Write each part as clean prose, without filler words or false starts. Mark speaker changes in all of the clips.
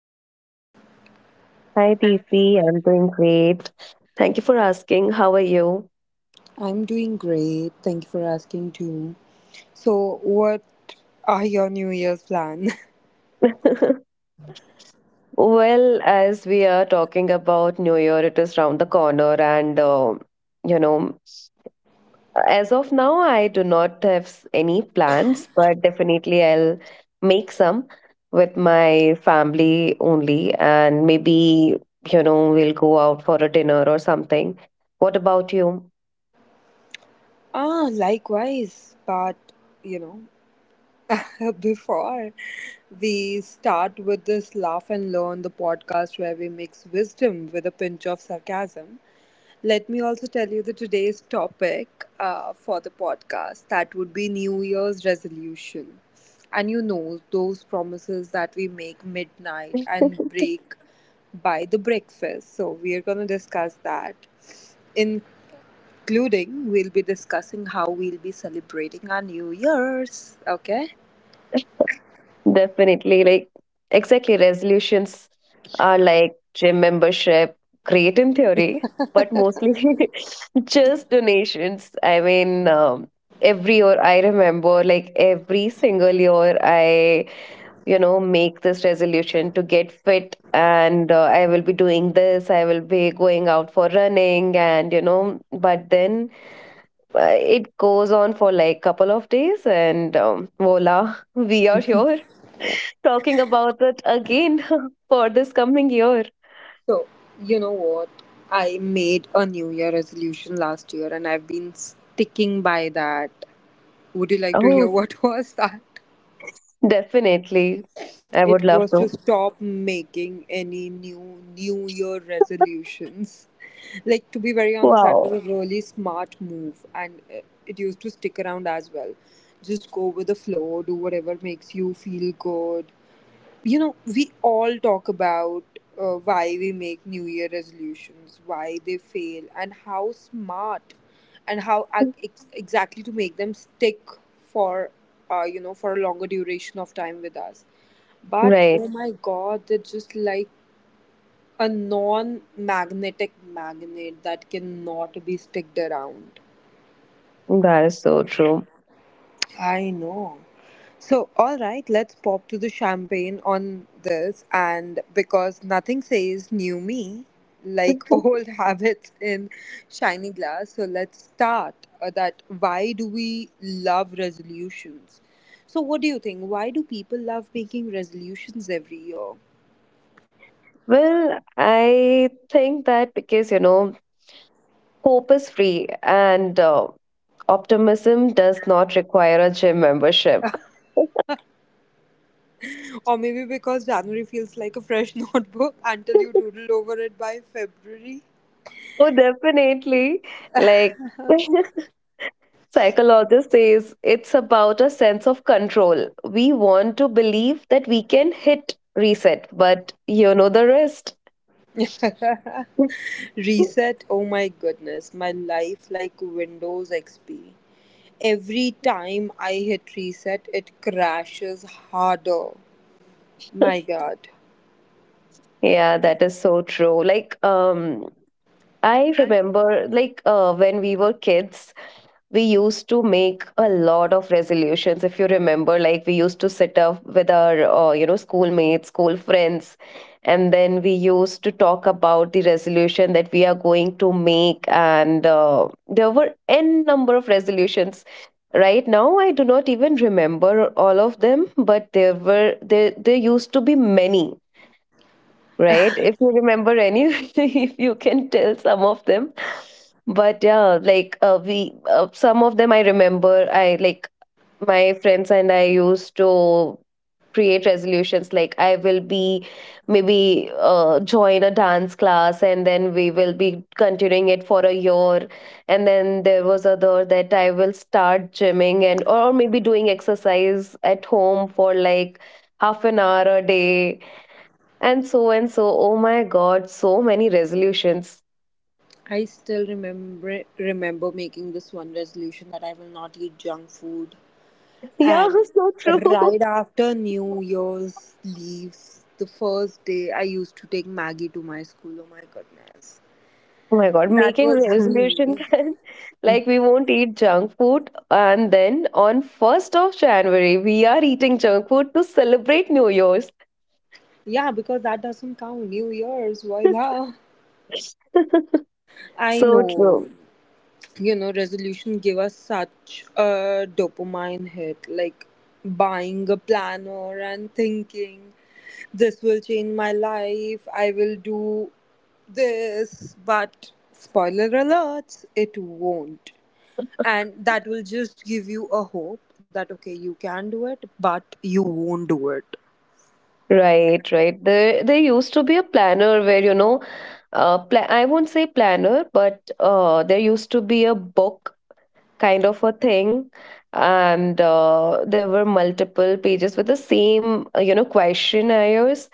Speaker 1: how are you?
Speaker 2: Hi, Deepthi. I'm doing great. Thank you for asking. How are you?
Speaker 1: I'm doing great. Thank you for asking too. So, what are your New Year's plan?
Speaker 2: Well, as we are talking about New Year, it is round the corner, and you know, as of now, I do not have any plans, but definitely I'll make some with my family only, and maybe we'll go out for a dinner or something. What about you?
Speaker 1: Likewise. But you know, before we start with this laugh and learn the podcast where we mix wisdom with a pinch of sarcasm, let me also tell you the today's topic for the podcast that would be New Year's resolution. And you know, those promises that we make midnight and break by the breakfast. So, we are going to discuss that. Including, we'll be discussing how we'll be celebrating our New Year's. Okay.
Speaker 2: Definitely, like exactly, resolutions are like gym membership, great in theory, but mostly just donations. Every year I remember, like every single year, I make this resolution to get fit, and I will be doing this. I will be going out for running, and you know, but then. It goes on for like couple of days and voila, we are here talking about it again for this coming year.
Speaker 1: So, you know what? I made a New Year resolution last year and I've been sticking by that. Would you like to hear
Speaker 2: Oh,
Speaker 1: what was that?
Speaker 2: definitely, I
Speaker 1: It
Speaker 2: would
Speaker 1: was
Speaker 2: love
Speaker 1: to
Speaker 2: to.
Speaker 1: stop making any new New Year resolutions. Like, to be very honest, that was
Speaker 2: Wow.
Speaker 1: a really smart move, and it used to stick around as well. Just go with the flow, do whatever makes you feel good, you know, we all talk about why we make New Year resolutions, why they fail, and how smart and exactly to make them stick for, you know, for a longer duration of time with us. But
Speaker 2: Right.
Speaker 1: oh my God, they're just like a non magnetic magnet that cannot be sticked around.
Speaker 2: That is so true.
Speaker 1: I know. So, all right, let's pop to the champagne on this. And because nothing says new me like old habits in shiny glass, so let's start that why do we love resolutions? So, what do you think? Why do people love making resolutions every year?
Speaker 2: Well, I think that because hope is free, and optimism does not require a gym membership.
Speaker 1: Or maybe because January feels like a fresh notebook until you doodle over it by February?
Speaker 2: Oh, definitely, like psychologist says it's about a sense of control. We want to believe that we can hit reset, but you know the rest.
Speaker 1: Reset, oh my goodness, my life like Windows XP. Every time I hit reset, it crashes harder. My god.
Speaker 2: Yeah, that is so true. I remember, when we were kids, we used to make a lot of resolutions. If you remember, like we used to sit up with our schoolmates, school friends, and then we used to talk about the resolution that we are going to make, and there were n number of resolutions. Right now I do not even remember all of them, but there were there there used to be many, right? If you remember any, if you can tell some of them. But yeah, some of them I remember. I like my friends and I used to create resolutions like I will be maybe join a dance class, and then we will be continuing it for a year. And then there was other that I will start gymming, and or maybe doing exercise at home for like 1/2 an hour a day, and so and so. Oh my god, so many resolutions.
Speaker 1: I still remember making this one resolution that I will not eat junk food.
Speaker 2: Yeah,
Speaker 1: And
Speaker 2: so true.
Speaker 1: right after New Year's leaves, the first day I used to take Maggie to my school. Oh my goodness.
Speaker 2: Oh my god,
Speaker 1: That
Speaker 2: making
Speaker 1: was
Speaker 2: resolution
Speaker 1: hilarious.
Speaker 2: can like we won't eat junk food, and then on 1st of January we are eating junk food to celebrate New Year's.
Speaker 1: Yeah, because that doesn't count. New Year's, voila. I
Speaker 2: So
Speaker 1: know,
Speaker 2: true.
Speaker 1: you know, resolution give us such a dopamine hit, like buying a planner and thinking, this will change my life, I will do this, but spoiler alerts, it won't. And that will just give you a hope that, okay, you can do it, but you won't do it.
Speaker 2: Right, right. There used to be a planner where I won't say planner, but there used to be a book kind of a thing, and there were multiple pages with the same questionnaires,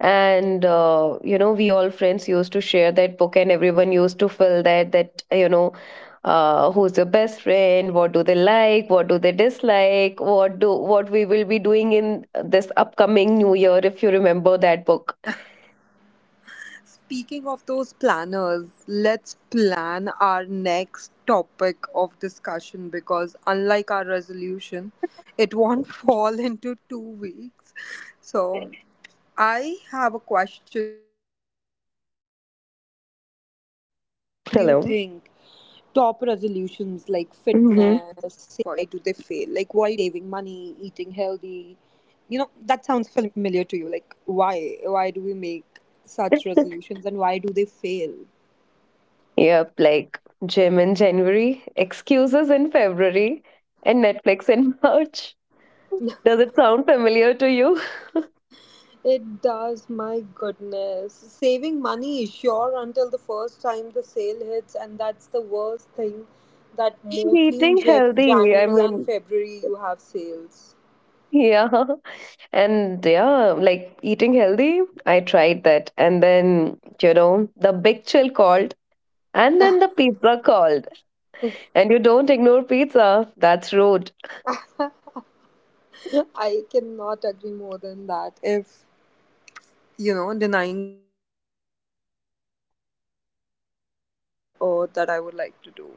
Speaker 2: and we all friends used to share that book, and everyone used to fill that. Who's your best friend? What do they like? What do they dislike? What we will be doing in this upcoming new year, if you remember that book.
Speaker 1: Speaking of those planners, let's plan our next topic of discussion because, unlike our resolution, it won't fall into 2 weeks. So, I have a question for you. Common resolutions and why do they fail? Like, why do you
Speaker 2: Hello.
Speaker 1: think top resolutions like
Speaker 2: Hmm.
Speaker 1: fitness, saving money, eating healthy. You know, that sounds familiar to you. Like why do we make such resolutions and why do they fail?
Speaker 2: Yep, like gym in January, excuses in February, and Netflix in March. Does it sound familiar to you?
Speaker 1: It does, my goodness. Saving money is sure until the first time the sale hits, and that's the worst thing that mostly in
Speaker 2: Eating healthy, I
Speaker 1: January and
Speaker 2: mean,
Speaker 1: February you have sales.
Speaker 2: yeah. And yeah, like eating healthy, I tried that. And then, you know, the big chill called, and then the pizza called. And you don't ignore pizza, that's rude.
Speaker 1: I cannot agree more than that. If you know, denying a pizza is rude. That would be the last thing on the earth that I would like to do.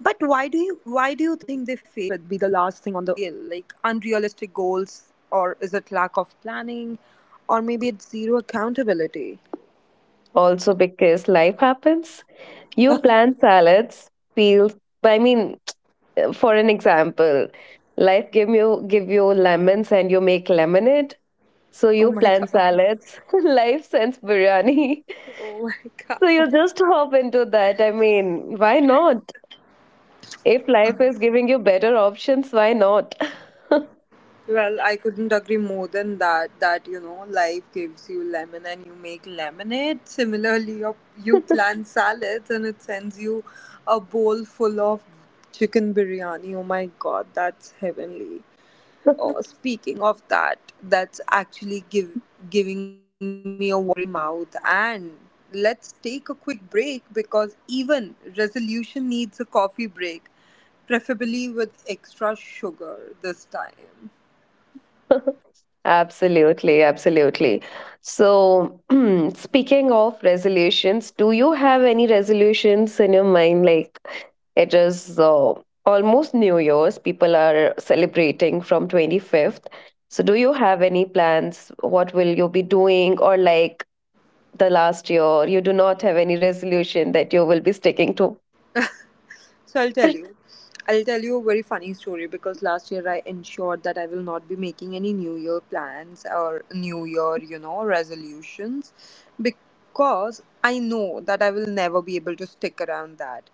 Speaker 1: But why do you think they fail? Like unrealistic goals, or is it lack of planning, or maybe it's zero accountability?
Speaker 2: Also, because life happens. You plan salads, peels, I mean, for an example, life give you lemons and you make lemonade, so
Speaker 1: Oh
Speaker 2: you
Speaker 1: my
Speaker 2: plan
Speaker 1: god!
Speaker 2: salads, life sends biryani.
Speaker 1: Oh my god!
Speaker 2: So you just hop into that, I mean, why not? If life is giving you better options, why not?
Speaker 1: Well, I couldn't agree more than that. That you know, life gives you lemon and you make lemonade. Similarly, you plant salads and it sends you a bowl full of chicken biryani. Oh my god, that's heavenly. Oh, speaking of that, that's actually give giving me a watery mouth. And let's take a quick break because even resolution needs a coffee break, preferably with extra sugar this time.
Speaker 2: Absolutely, absolutely. So, speaking of resolutions, do you have any resolutions in your mind? Like, it is almost New Year's. People are celebrating from 25th. So, do you have any plans? What will you be doing? Or, like the last year, you do not have any resolution that you will be sticking to?
Speaker 1: So I'll tell you. I'll tell you a very funny story because last year I ensured that I will not be making any New Year plans or New Year, you know, resolutions because I know that I will never be able to stick around that.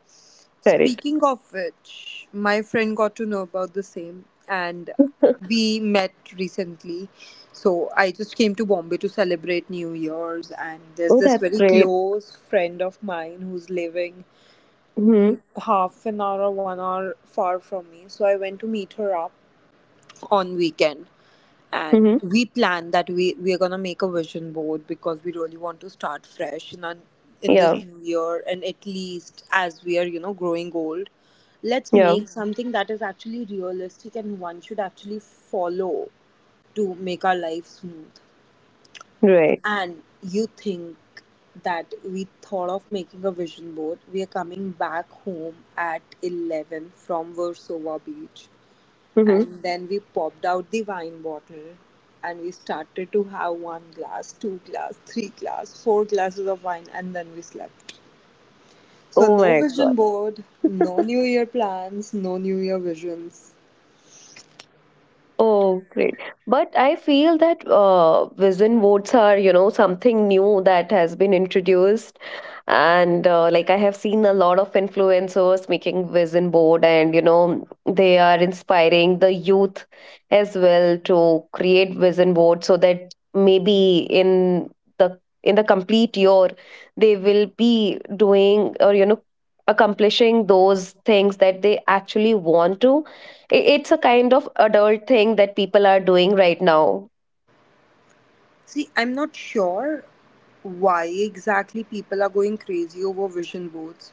Speaker 2: Correct.
Speaker 1: Speaking of which, my friend got to know about the same and we met recently. So I just came to Bombay to celebrate New Year's and there's
Speaker 2: Oh,
Speaker 1: this
Speaker 2: that's
Speaker 1: very
Speaker 2: great.
Speaker 1: close friend of mine who's living
Speaker 2: Hmm.
Speaker 1: half an hour or 1 hour far from me. So I went to meet her up on weekend, and
Speaker 2: Hmm.
Speaker 1: we planned that we are gonna make a vision board because we really want to start fresh in our, in this
Speaker 2: Yeah.
Speaker 1: new year, and at least as we are you know growing old, let's
Speaker 2: Yeah.
Speaker 1: make something that is actually realistic and one should actually follow to make our life smooth.
Speaker 2: Right.
Speaker 1: And you think that we thought of making a vision board. We are coming back home at 11 from Versova Beach.
Speaker 2: Hmm.
Speaker 1: And then we popped out the wine bottle and we started to have one glass, two glass, three glass, four glasses of wine, and then we slept. So,
Speaker 2: Oh,
Speaker 1: no
Speaker 2: my God.
Speaker 1: vision board, no New Year plans, no New Year visions.
Speaker 2: Oh, great. But I feel that vision boards are, you know, something new that has been introduced, and like I have seen a lot of influencers making vision board, and you know they are inspiring the youth as well to create vision board, so that maybe in the complete year they will be doing, or you know, accomplishing those things that they actually want to. It's a kind of adult thing that people are doing right now.
Speaker 1: See, I'm not sure why exactly people are going crazy over vision boards.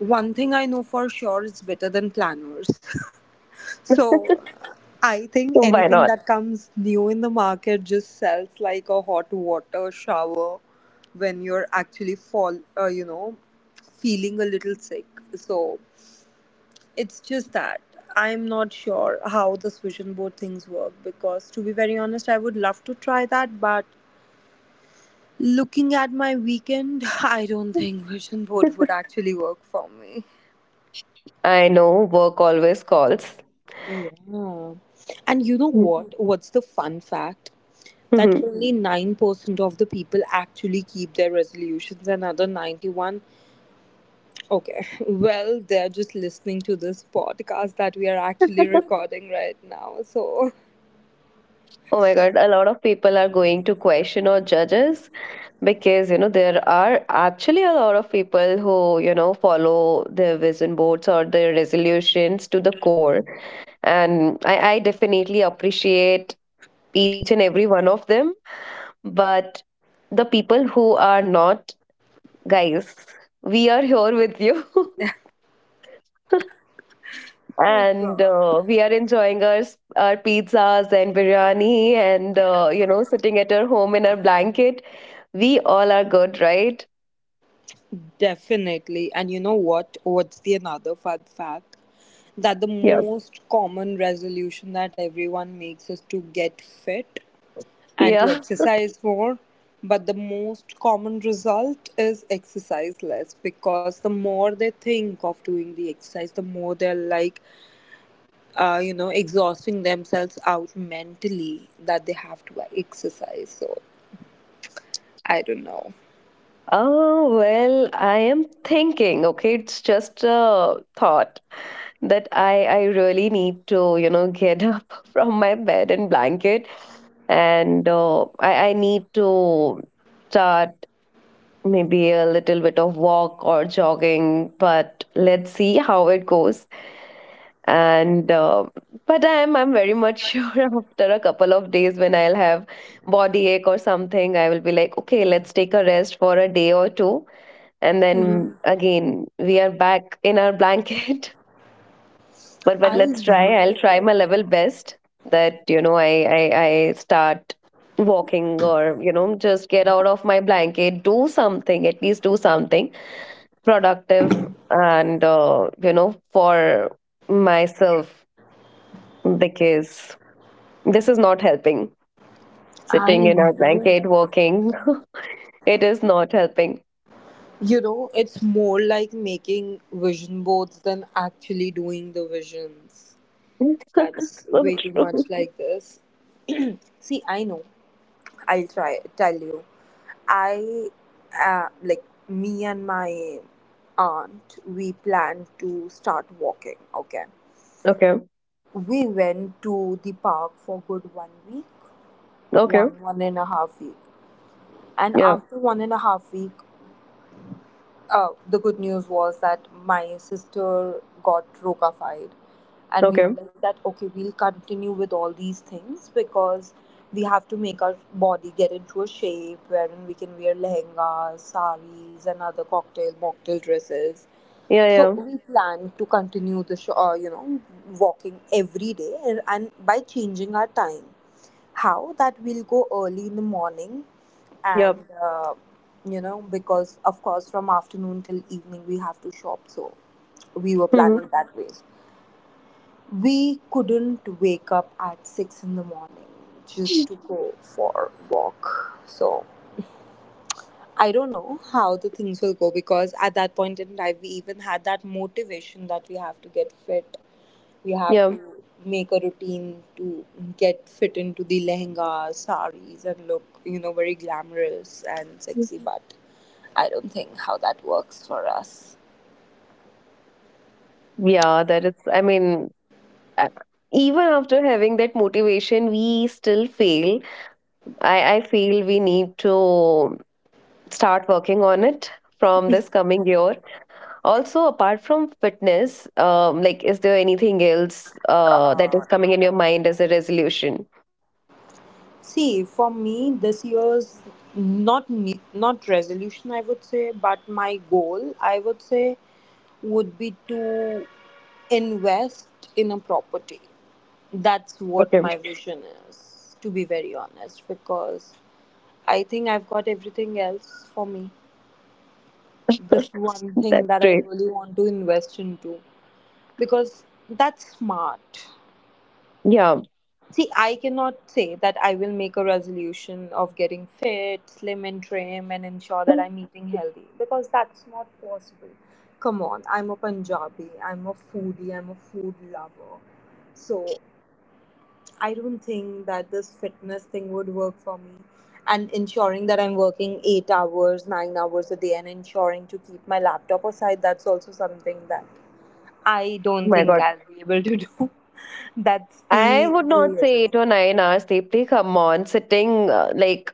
Speaker 1: One thing I know for sure is better than planners. So I think
Speaker 2: Why
Speaker 1: anything
Speaker 2: not.
Speaker 1: that comes new in the market just sells like a hot water shower when you're actually you know, feeling a little sick. So it's just that I'm not sure how this vision board things work because to be very honest, I would love to try that, but looking at my weekend, I don't think vision board would actually work for me.
Speaker 2: I know, work always calls.
Speaker 1: Yeah. And you know what? What's the fun fact? That only 9% of the people actually keep their resolutions, another 91. Okay. Well, they're just listening to this podcast that we are actually recording right now. So,
Speaker 2: Oh my God, a lot of people are going to question or judges because, you know, there are actually a lot of people who, you know, follow their vision boards or their resolutions to the core. And I definitely appreciate each and every one of them. But the people who are not, guys, we are here with you.
Speaker 1: oh
Speaker 2: And
Speaker 1: God.
Speaker 2: we are enjoying our pizzas and biryani, and you know, sitting at our home in our blanket. We all are good, right?
Speaker 1: Definitely. And you know what? What's the another fun fact? That the
Speaker 2: Yeah.
Speaker 1: most common resolution that everyone makes is to get fit, and to
Speaker 2: Yeah.
Speaker 1: exercise more. But the most common result is exercise less because the more they think of doing the exercise, the more they're like, you know, exhausting themselves out mentally that they have to exercise. So I don't know.
Speaker 2: Oh, well, I am thinking, okay, it's just a thought that I really need to, you know, get up from my bed and blanket, and I need to start maybe a little bit of walk or jogging, but let's see how it goes. And but I'm very much sure, after a couple of days when I'll have body ache or something, I will be like, okay, let's take a rest for a day or two, and then again we are back in our blanket. But
Speaker 1: I
Speaker 2: let's try, I'll
Speaker 1: know.
Speaker 2: try my level best. That you know I start walking, or you know, just get out of my blanket, do something, at least do something productive, and you know, for myself. Because this is not helping.
Speaker 1: I
Speaker 2: Sitting in our blanket,
Speaker 1: know.
Speaker 2: working, it is not helping.
Speaker 1: You know, it's more like making vision boards than actually doing the visions. That's
Speaker 2: So
Speaker 1: way too much
Speaker 2: true.
Speaker 1: like this. See, I know. I'll try tell you. I like Me and my aunt we plan to start walking, okay.
Speaker 2: Okay.
Speaker 1: We went to the park for good 1 week,
Speaker 2: Okay.
Speaker 1: one and a half week. And
Speaker 2: Yeah.
Speaker 1: after one and a half week the good news was that my sister got rocafied and we were
Speaker 2: Okay.
Speaker 1: like that okay we'll continue with all these things because we have to make our body get into a shape wherein we can wear lehengas saris and other cocktail mocktail dresses
Speaker 2: Yeah.
Speaker 1: so
Speaker 2: Yeah.
Speaker 1: we plan to continue you know walking every day and by changing our time how that we'll go early in the morning
Speaker 2: Yeah.
Speaker 1: and you know because of course from afternoon till evening we have to shop so we were planning
Speaker 2: Hmm.
Speaker 1: that way we couldn't wake up at 6 in the morning just to go for walk so I don't know how the things will go because at that point in time we even had that motivation that we have to get fit you have
Speaker 2: Yeah.
Speaker 1: to make a routine to get fit into the lehengas, saris, and look, you know, very glamorous and sexy. But I don't think how that works for us.
Speaker 2: Yeah. That is, I mean, a- even after having that motivation, we still fail. I feel we need to start working on it from this coming year. Also, apart from fitness, like, is there anything else that is coming in your mind as a resolution?
Speaker 1: See, for me, this year's not resolution, I would say, but my goal, I would say, would be to invest in a property. That's what
Speaker 2: Okay,
Speaker 1: my vision is, to be very honest, because I think I've got everything else for me. This one thing
Speaker 2: that's
Speaker 1: that I
Speaker 2: great.
Speaker 1: really want to invest into, because that's smart.
Speaker 2: Yeah.
Speaker 1: See, I cannot say that I will make a resolution of getting fit, slim and trim, and ensure that
Speaker 2: Oh
Speaker 1: I'm eating healthy because that's not possible. Come on, I'm a Punjabi, I'm a foodie, I'm a food lover. So I don't think that this fitness thing would work for me. And ensuring that I'm working 8 hours, 9 hours a day, and ensuring to keep my laptop aside, that's also something that I don't
Speaker 2: my
Speaker 1: think
Speaker 2: God.
Speaker 1: I'll be able to do. That's
Speaker 2: I
Speaker 1: the
Speaker 2: would
Speaker 1: New
Speaker 2: not
Speaker 1: Year's.
Speaker 2: say 8 or 9 hours, Deepthi. Come on, sitting like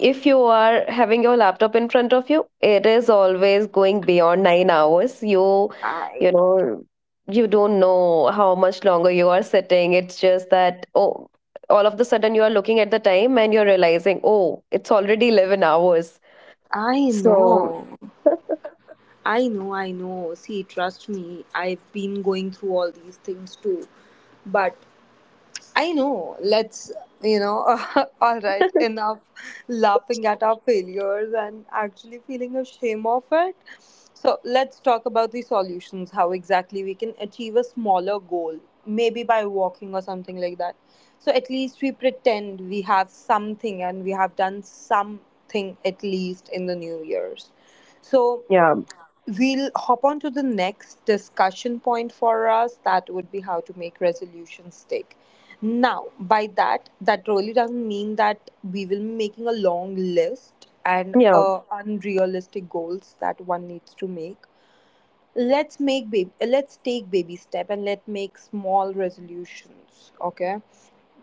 Speaker 2: if you are having your laptop in front of you, it is always going beyond 9 hours.
Speaker 1: I
Speaker 2: You
Speaker 1: know.
Speaker 2: know, you don't know how much longer you are sitting. It's just that oh, all of the sudden you are looking at the time and you're realizing oh, it's already 11 hours.
Speaker 1: I
Speaker 2: So
Speaker 1: know. I know. See, trust me, I've been going through all these things too. But I know. Let's, you know, all right, enough laughing at our failures and actually feeling ashamed of it. So, let's talk about the solutions how exactly we can achieve a smaller goal, maybe by walking or something like that. So, at least we pretend we have something and we have done something at least in the New Year's. So,
Speaker 2: yeah,
Speaker 1: we'll hop on to the next discussion point for us. That would be how to make resolutions stick. Now, by that, that really doesn't mean that we will be making a long list and
Speaker 2: yeah,
Speaker 1: unrealistic goals that one needs to make. Let's take baby step and let's make small resolutions. Okay,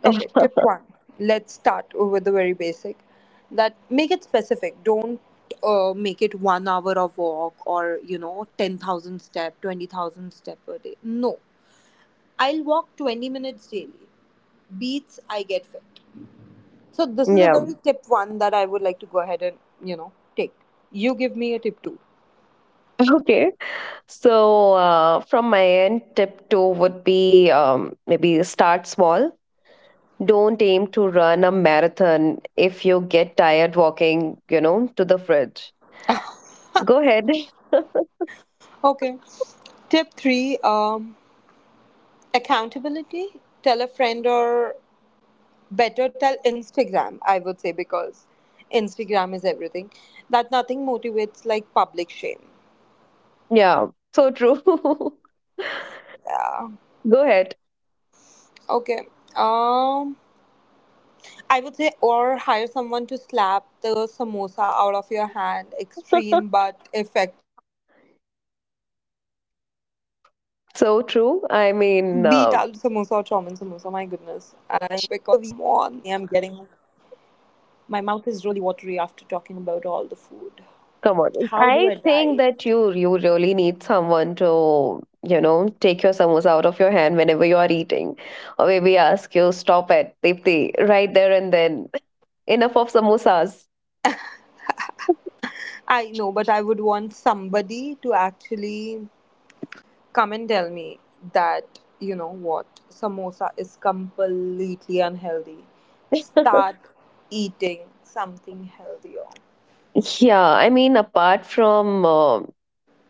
Speaker 1: okay, tip one. Let's start with the very basic, that make it specific. Don't make it 1 hour of walk, or you know, 10,000 step, 20,000 step per day. No, I'll walk 20 minutes daily, beats I get fit. So this is a
Speaker 2: yeah.
Speaker 1: very tip one that I would like to go ahead and, you know, take, you give me a tip two.
Speaker 2: Okay. So, from my end, tip two would be maybe start small. Don't aim to run a marathon if you get tired walking, you know, to the fridge. Go ahead.
Speaker 1: Okay, tip three, accountability. Tell a friend, or better, tell instagram, I would say, because instagram is everything, that nothing motivates like public shame.
Speaker 2: Yeah, so true.
Speaker 1: Yeah.
Speaker 2: Go ahead.
Speaker 1: Okay, um I would say, or hire someone to slap the samosa out of your hand. Extreme, but effective, because samosa is a weakness,
Speaker 2: So
Speaker 1: come
Speaker 2: true.
Speaker 1: on.
Speaker 2: I mean,
Speaker 1: Beat out samosa or chowmin. Samosa, my goodness, I am getting, my mouth is really watery after talking about all the food. How
Speaker 2: come on.
Speaker 1: do I
Speaker 2: I
Speaker 1: diet?
Speaker 2: think that you really need someone to, you know, take your samosa out of your hand whenever you are eating. Or maybe ask you, stop at Dipti, right there and then. Enough of samosas.
Speaker 1: I know, but I would want somebody to actually come and tell me that, you know what, samosa is completely unhealthy. Start eating something healthier.
Speaker 2: Yeah, I mean, apart from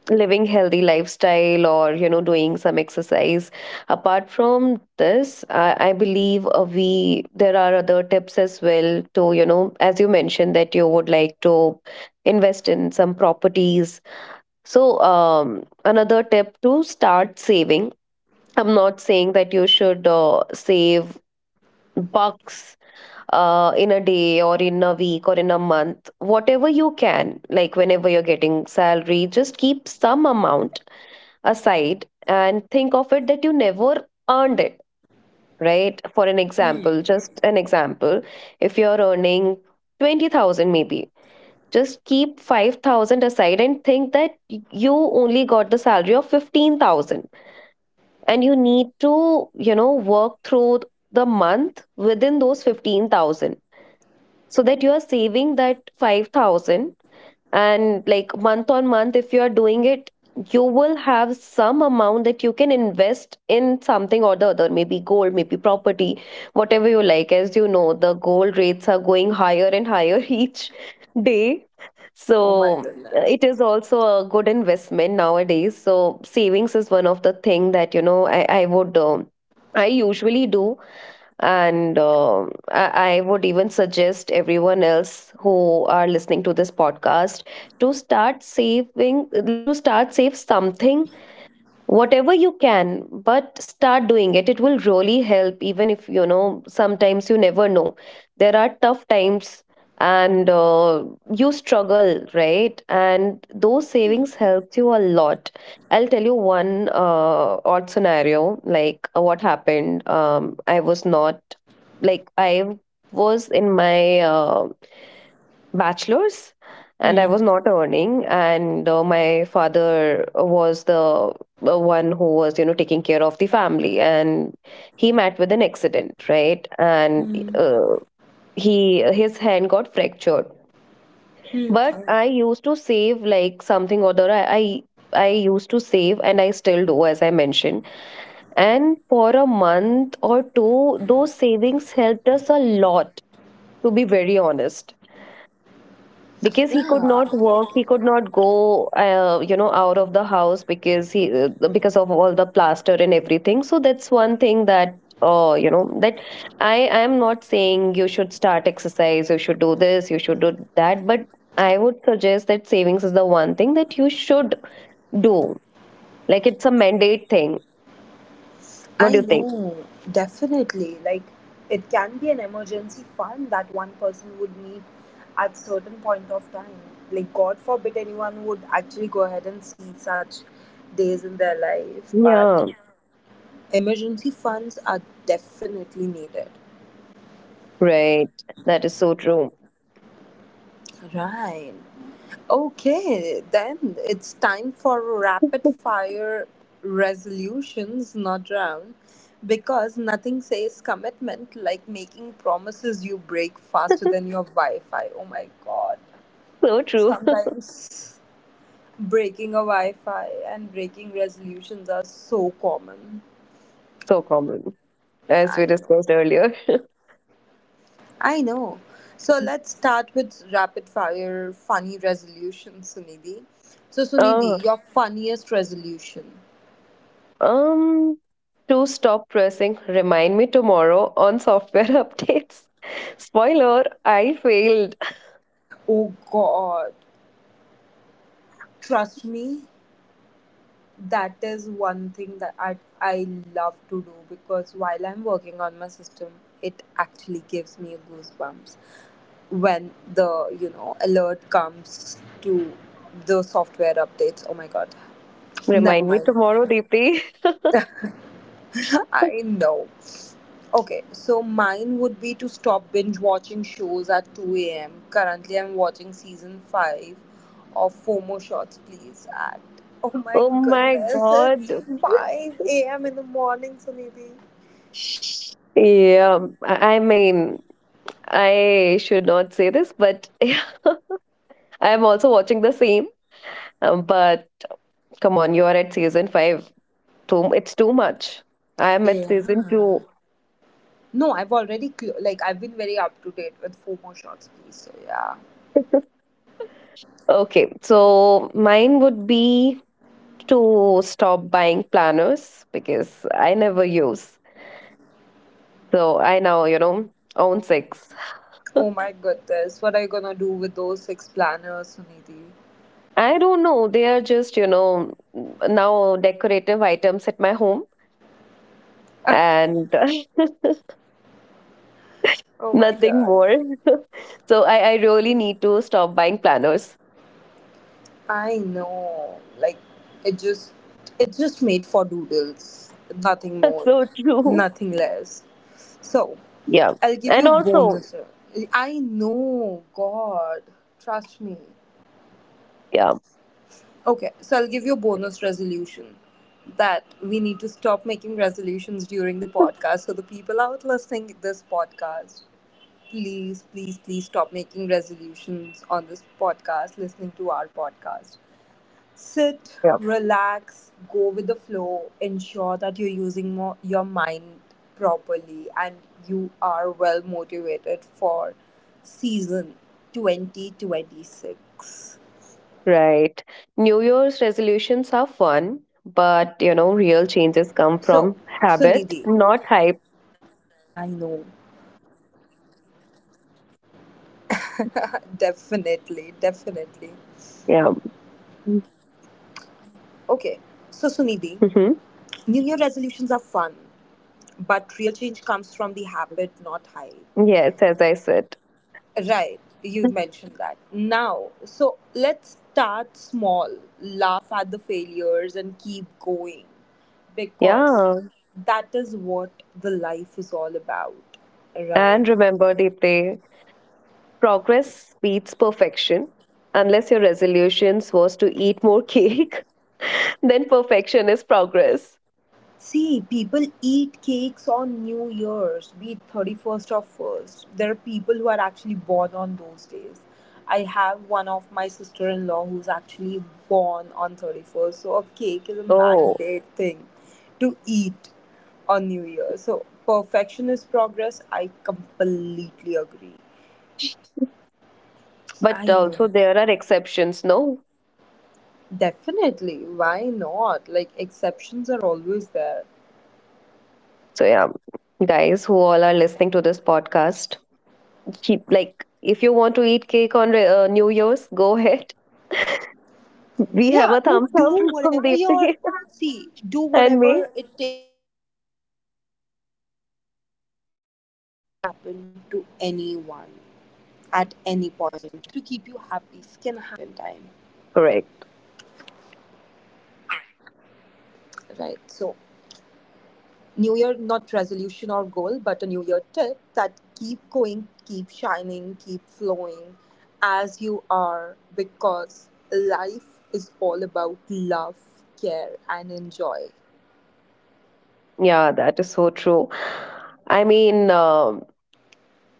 Speaker 2: living healthy lifestyle, or you know, doing some exercise, apart from this I believe we there are other tips as well, to you know, as you mentioned that you would like to invest in some properties, so another tip to start saving. I'm not saying that you should save bucks in a day or in a week or in a month, whatever you can, like whenever you're getting salary just keep some amount aside and think of it that you never earned it, right? For an example, just an example, if you're earning 20,000 maybe, just keep 5,000 aside and think that you only got the salary of 15,000 and you need to, work through the month within those 15,000, so that you are saving that 5,000. And like month on month, if you are doing it, you will have some amount that you can invest in something or the other, maybe gold, maybe property, whatever you like. As you know, the gold rates are going higher and higher each day.
Speaker 1: Oh my
Speaker 2: So it
Speaker 1: goodness.
Speaker 2: is also a good investment nowadays, so savings is one of the thing that I would I usually do. And I would even suggest everyone else who are listening to this podcast to start saving, to start save something, whatever you can, but start doing it. It will really help. Even if you know sometimes you never know, there are tough times, and you struggle, right? And those savings helps you a lot. I'll tell you one odd scenario. Like, what happened, I was not, like I was in my bachelor's, and I
Speaker 1: Hmm.
Speaker 2: was not earning. And my father was the one who was, you know, taking care of the family. And he met with an accident, right? And
Speaker 1: Hmm.
Speaker 2: he, his hand got fractured. But I used to save, like something or other. I I used to save, and I still do, as I mentioned. And for a month or two, those savings helped us a lot, to be very honest, because he could not
Speaker 1: Yeah.
Speaker 2: work, he could not go, you know, out of the house, because he because of all the plaster and everything. So that's one thing that, you know, that i I am not saying you should start exercise, you should do this, you should do that, but I would suggest that savings is the one thing that you should do. Like, it's a mandate thing. What
Speaker 1: I
Speaker 2: do you think?
Speaker 1: know, definitely. Like, it can be an emergency fund that one person would need at certain point of time. Like, God forbid anyone would actually go ahead and see such days in their life, but
Speaker 2: Yeah.
Speaker 1: emergency funds are definitely needed.
Speaker 2: Right. That is so true.
Speaker 1: Right. Okay, then it's time for rapid fire resolutions, not round. Because nothing says commitment like making promises you break faster than your Wi Fi. Oh my god.
Speaker 2: So true.
Speaker 1: Sometimes breaking a Wi Fi and breaking resolutions are so common.
Speaker 2: So common, as we
Speaker 1: I know.
Speaker 2: discussed earlier.
Speaker 1: I know. So let's start with rapid fire funny resolutions, Sunidhi. So,
Speaker 2: Oh.
Speaker 1: Sunidhi, your funniest resolution.
Speaker 2: Um, to stop pressing remind me tomorrow on software updates. Spoiler, I failed.
Speaker 1: Oh God, trust me, that is one thing that I love to do, because while I'm working on my system, it actually gives me goosebumps when the, you know, alert comes to the software updates. Oh my God, never
Speaker 2: Remind me
Speaker 1: mind.
Speaker 2: tomorrow, Deepti.
Speaker 1: I know. Okay, so mine would be to stop binge watching shows at 2 a.m. Currently, I'm watching season 5 of FOMO Shots Please at, oh my
Speaker 2: Oh my
Speaker 1: goodness,
Speaker 2: god.
Speaker 1: it's 5 a.m. in the morning, Sunidhi.
Speaker 2: Yeah, I mean, I should not say this, but yeah, I'm also watching the same. But come on, you are at season five. Too, it's too much. I am at season
Speaker 1: Yeah.
Speaker 2: two.
Speaker 1: No, I've already like I've been very up to date with FOMO Shots Please. So yeah.
Speaker 2: Okay, so mine would be to stop buying planners because I never use. So I now, you know, own six.
Speaker 1: Oh my goodness, what are you gonna do with those six planners, Sunidhi?
Speaker 2: I don't know. They are just, you know, now decorative items at my home, and
Speaker 1: Oh my
Speaker 2: nothing
Speaker 1: god.
Speaker 2: more. So I really need to stop buying planners.
Speaker 1: I know. Like it just it just made for doodles. Nothing more.
Speaker 2: So true.
Speaker 1: Nothing less. So
Speaker 2: Yeah.
Speaker 1: I'll give
Speaker 2: And
Speaker 1: you a
Speaker 2: also,
Speaker 1: bonus. I know, God. Trust me.
Speaker 2: yeah.
Speaker 1: Okay, so I'll give you a bonus resolution, that we need to stop making resolutions during the podcast. So the people out listening this podcast, please, please, please stop making resolutions on this podcast, listening to our podcast. Sit,
Speaker 2: Yeah.
Speaker 1: relax, go with the flow, ensure that you're using more, your mind properly, and you are well motivated for season 2026.
Speaker 2: Right. New Year's resolutions are
Speaker 1: I
Speaker 2: fun,
Speaker 1: know.
Speaker 2: but, you know, real changes come
Speaker 1: So,
Speaker 2: from habit,
Speaker 1: Sunidhi,
Speaker 2: not hype.
Speaker 1: definitely, definitely.
Speaker 2: Yeah.
Speaker 1: Okay, so Sunidhi,
Speaker 2: Mm-hmm.
Speaker 1: New Year resolutions are fun, but real change comes from the habit, not hype.
Speaker 2: Yes, as I said.
Speaker 1: Right, you mentioned that. Now, so let's start small, laugh at the failures, and keep going, because
Speaker 2: Yeah.
Speaker 1: that is what the life is all about, right?
Speaker 2: And remember Deepthi, progress beats perfection. Unless your resolutions was to eat more cake, then perfection is progress.
Speaker 1: See, people eat cakes on New Year's, be it 31st or 1st. There are people who are actually born on those days. I have one of my sister in law who's actually born on 31st, so a cake is a
Speaker 2: Oh,
Speaker 1: mandate thing to eat on New Year. So, perfection is progress. I completely agree. I
Speaker 2: but
Speaker 1: know.
Speaker 2: also there are exceptions, no?
Speaker 1: Definitely. Why not? Like, exceptions are always there.
Speaker 2: So, yeah, guys who all are listening to this podcast, keep, like, if you want to eat cake on New Year's, go ahead. We have
Speaker 1: Yeah,
Speaker 2: a
Speaker 1: like
Speaker 2: thumbs up
Speaker 1: do
Speaker 2: from
Speaker 1: whatever you're,
Speaker 2: Deepthi
Speaker 1: see, do
Speaker 2: and me.
Speaker 1: whatever it takes to keep you happy, because life can happen to anyone at any point in time.
Speaker 2: Correct.
Speaker 1: Right. So, new year not resolution or goal, but a new year tip that keep going, keep shining, keep flowing as you are, because life is all about love, care and enjoy.
Speaker 2: Yeah, that is so true. I mean, um,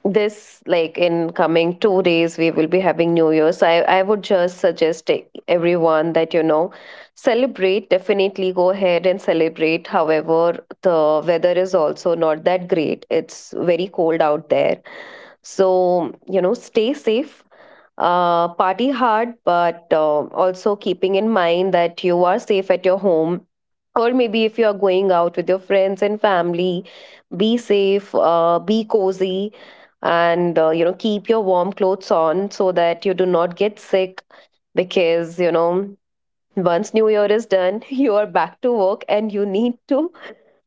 Speaker 2: this like in coming 2 days we will be having New Year's. I would just suggest everyone that, you know, celebrate. Definitely go ahead and celebrate. However, the weather is also not that great. It's very cold out there. So, you know, stay safe. Party hard, but also keeping in mind that you are safe at your home, or maybe if you're going out with your friends and family, be safe, be cozy, and you know, keep your warm clothes on, so that you do not get sick. Because, you know, once new year is done you are back to work, and you need to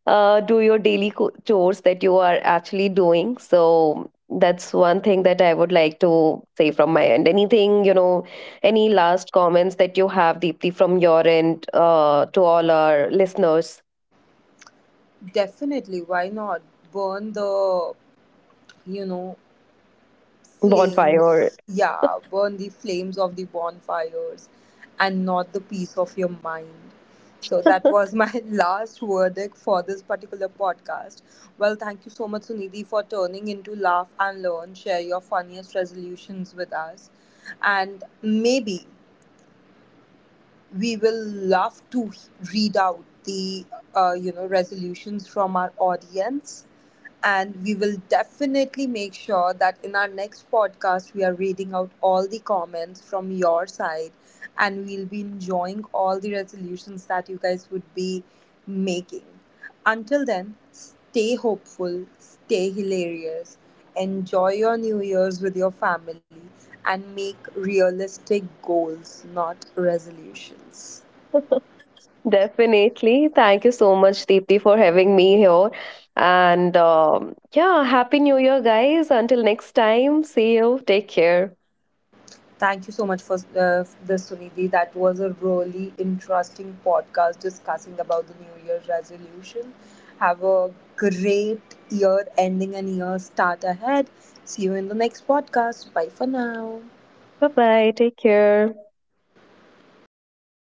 Speaker 2: do your daily chores that you are actually doing. So that's one thing that I would like to say from my end. Anything, you know, any last comments that you have, Deepthi, from your end, to all our listeners?
Speaker 1: Definitely, why not? Burn the, you know,
Speaker 2: Bonfire.
Speaker 1: flames. Yeah, burn the flames of the bonfires and not the peace of your mind. So that was my last verdict for this particular podcast. Well, thank you so much, Sunidhi, for turning into Laugh and Learn. Share your funniest resolutions with us. And maybe we will love to read out the, resolutions from our audience, and we will definitely make sure that in our next podcast we are reading out all the comments from your side, and we'll be enjoying all the resolutions that you guys would be making. Until then, stay hopeful, stay hilarious, enjoy your New Year's with your family, and make realistic goals, not resolutions.
Speaker 2: Definitely. Thank you so much, Deepti, for having me here. And yeah, Happy New Year, guys. Until next time, see you. Take care.
Speaker 1: Thank you so much for this, Sunidhi. That was a really interesting podcast discussing about the New Year's resolution. Have a great year ending and year start ahead. See you in the next podcast. Bye for now.
Speaker 2: Bye bye. Take care.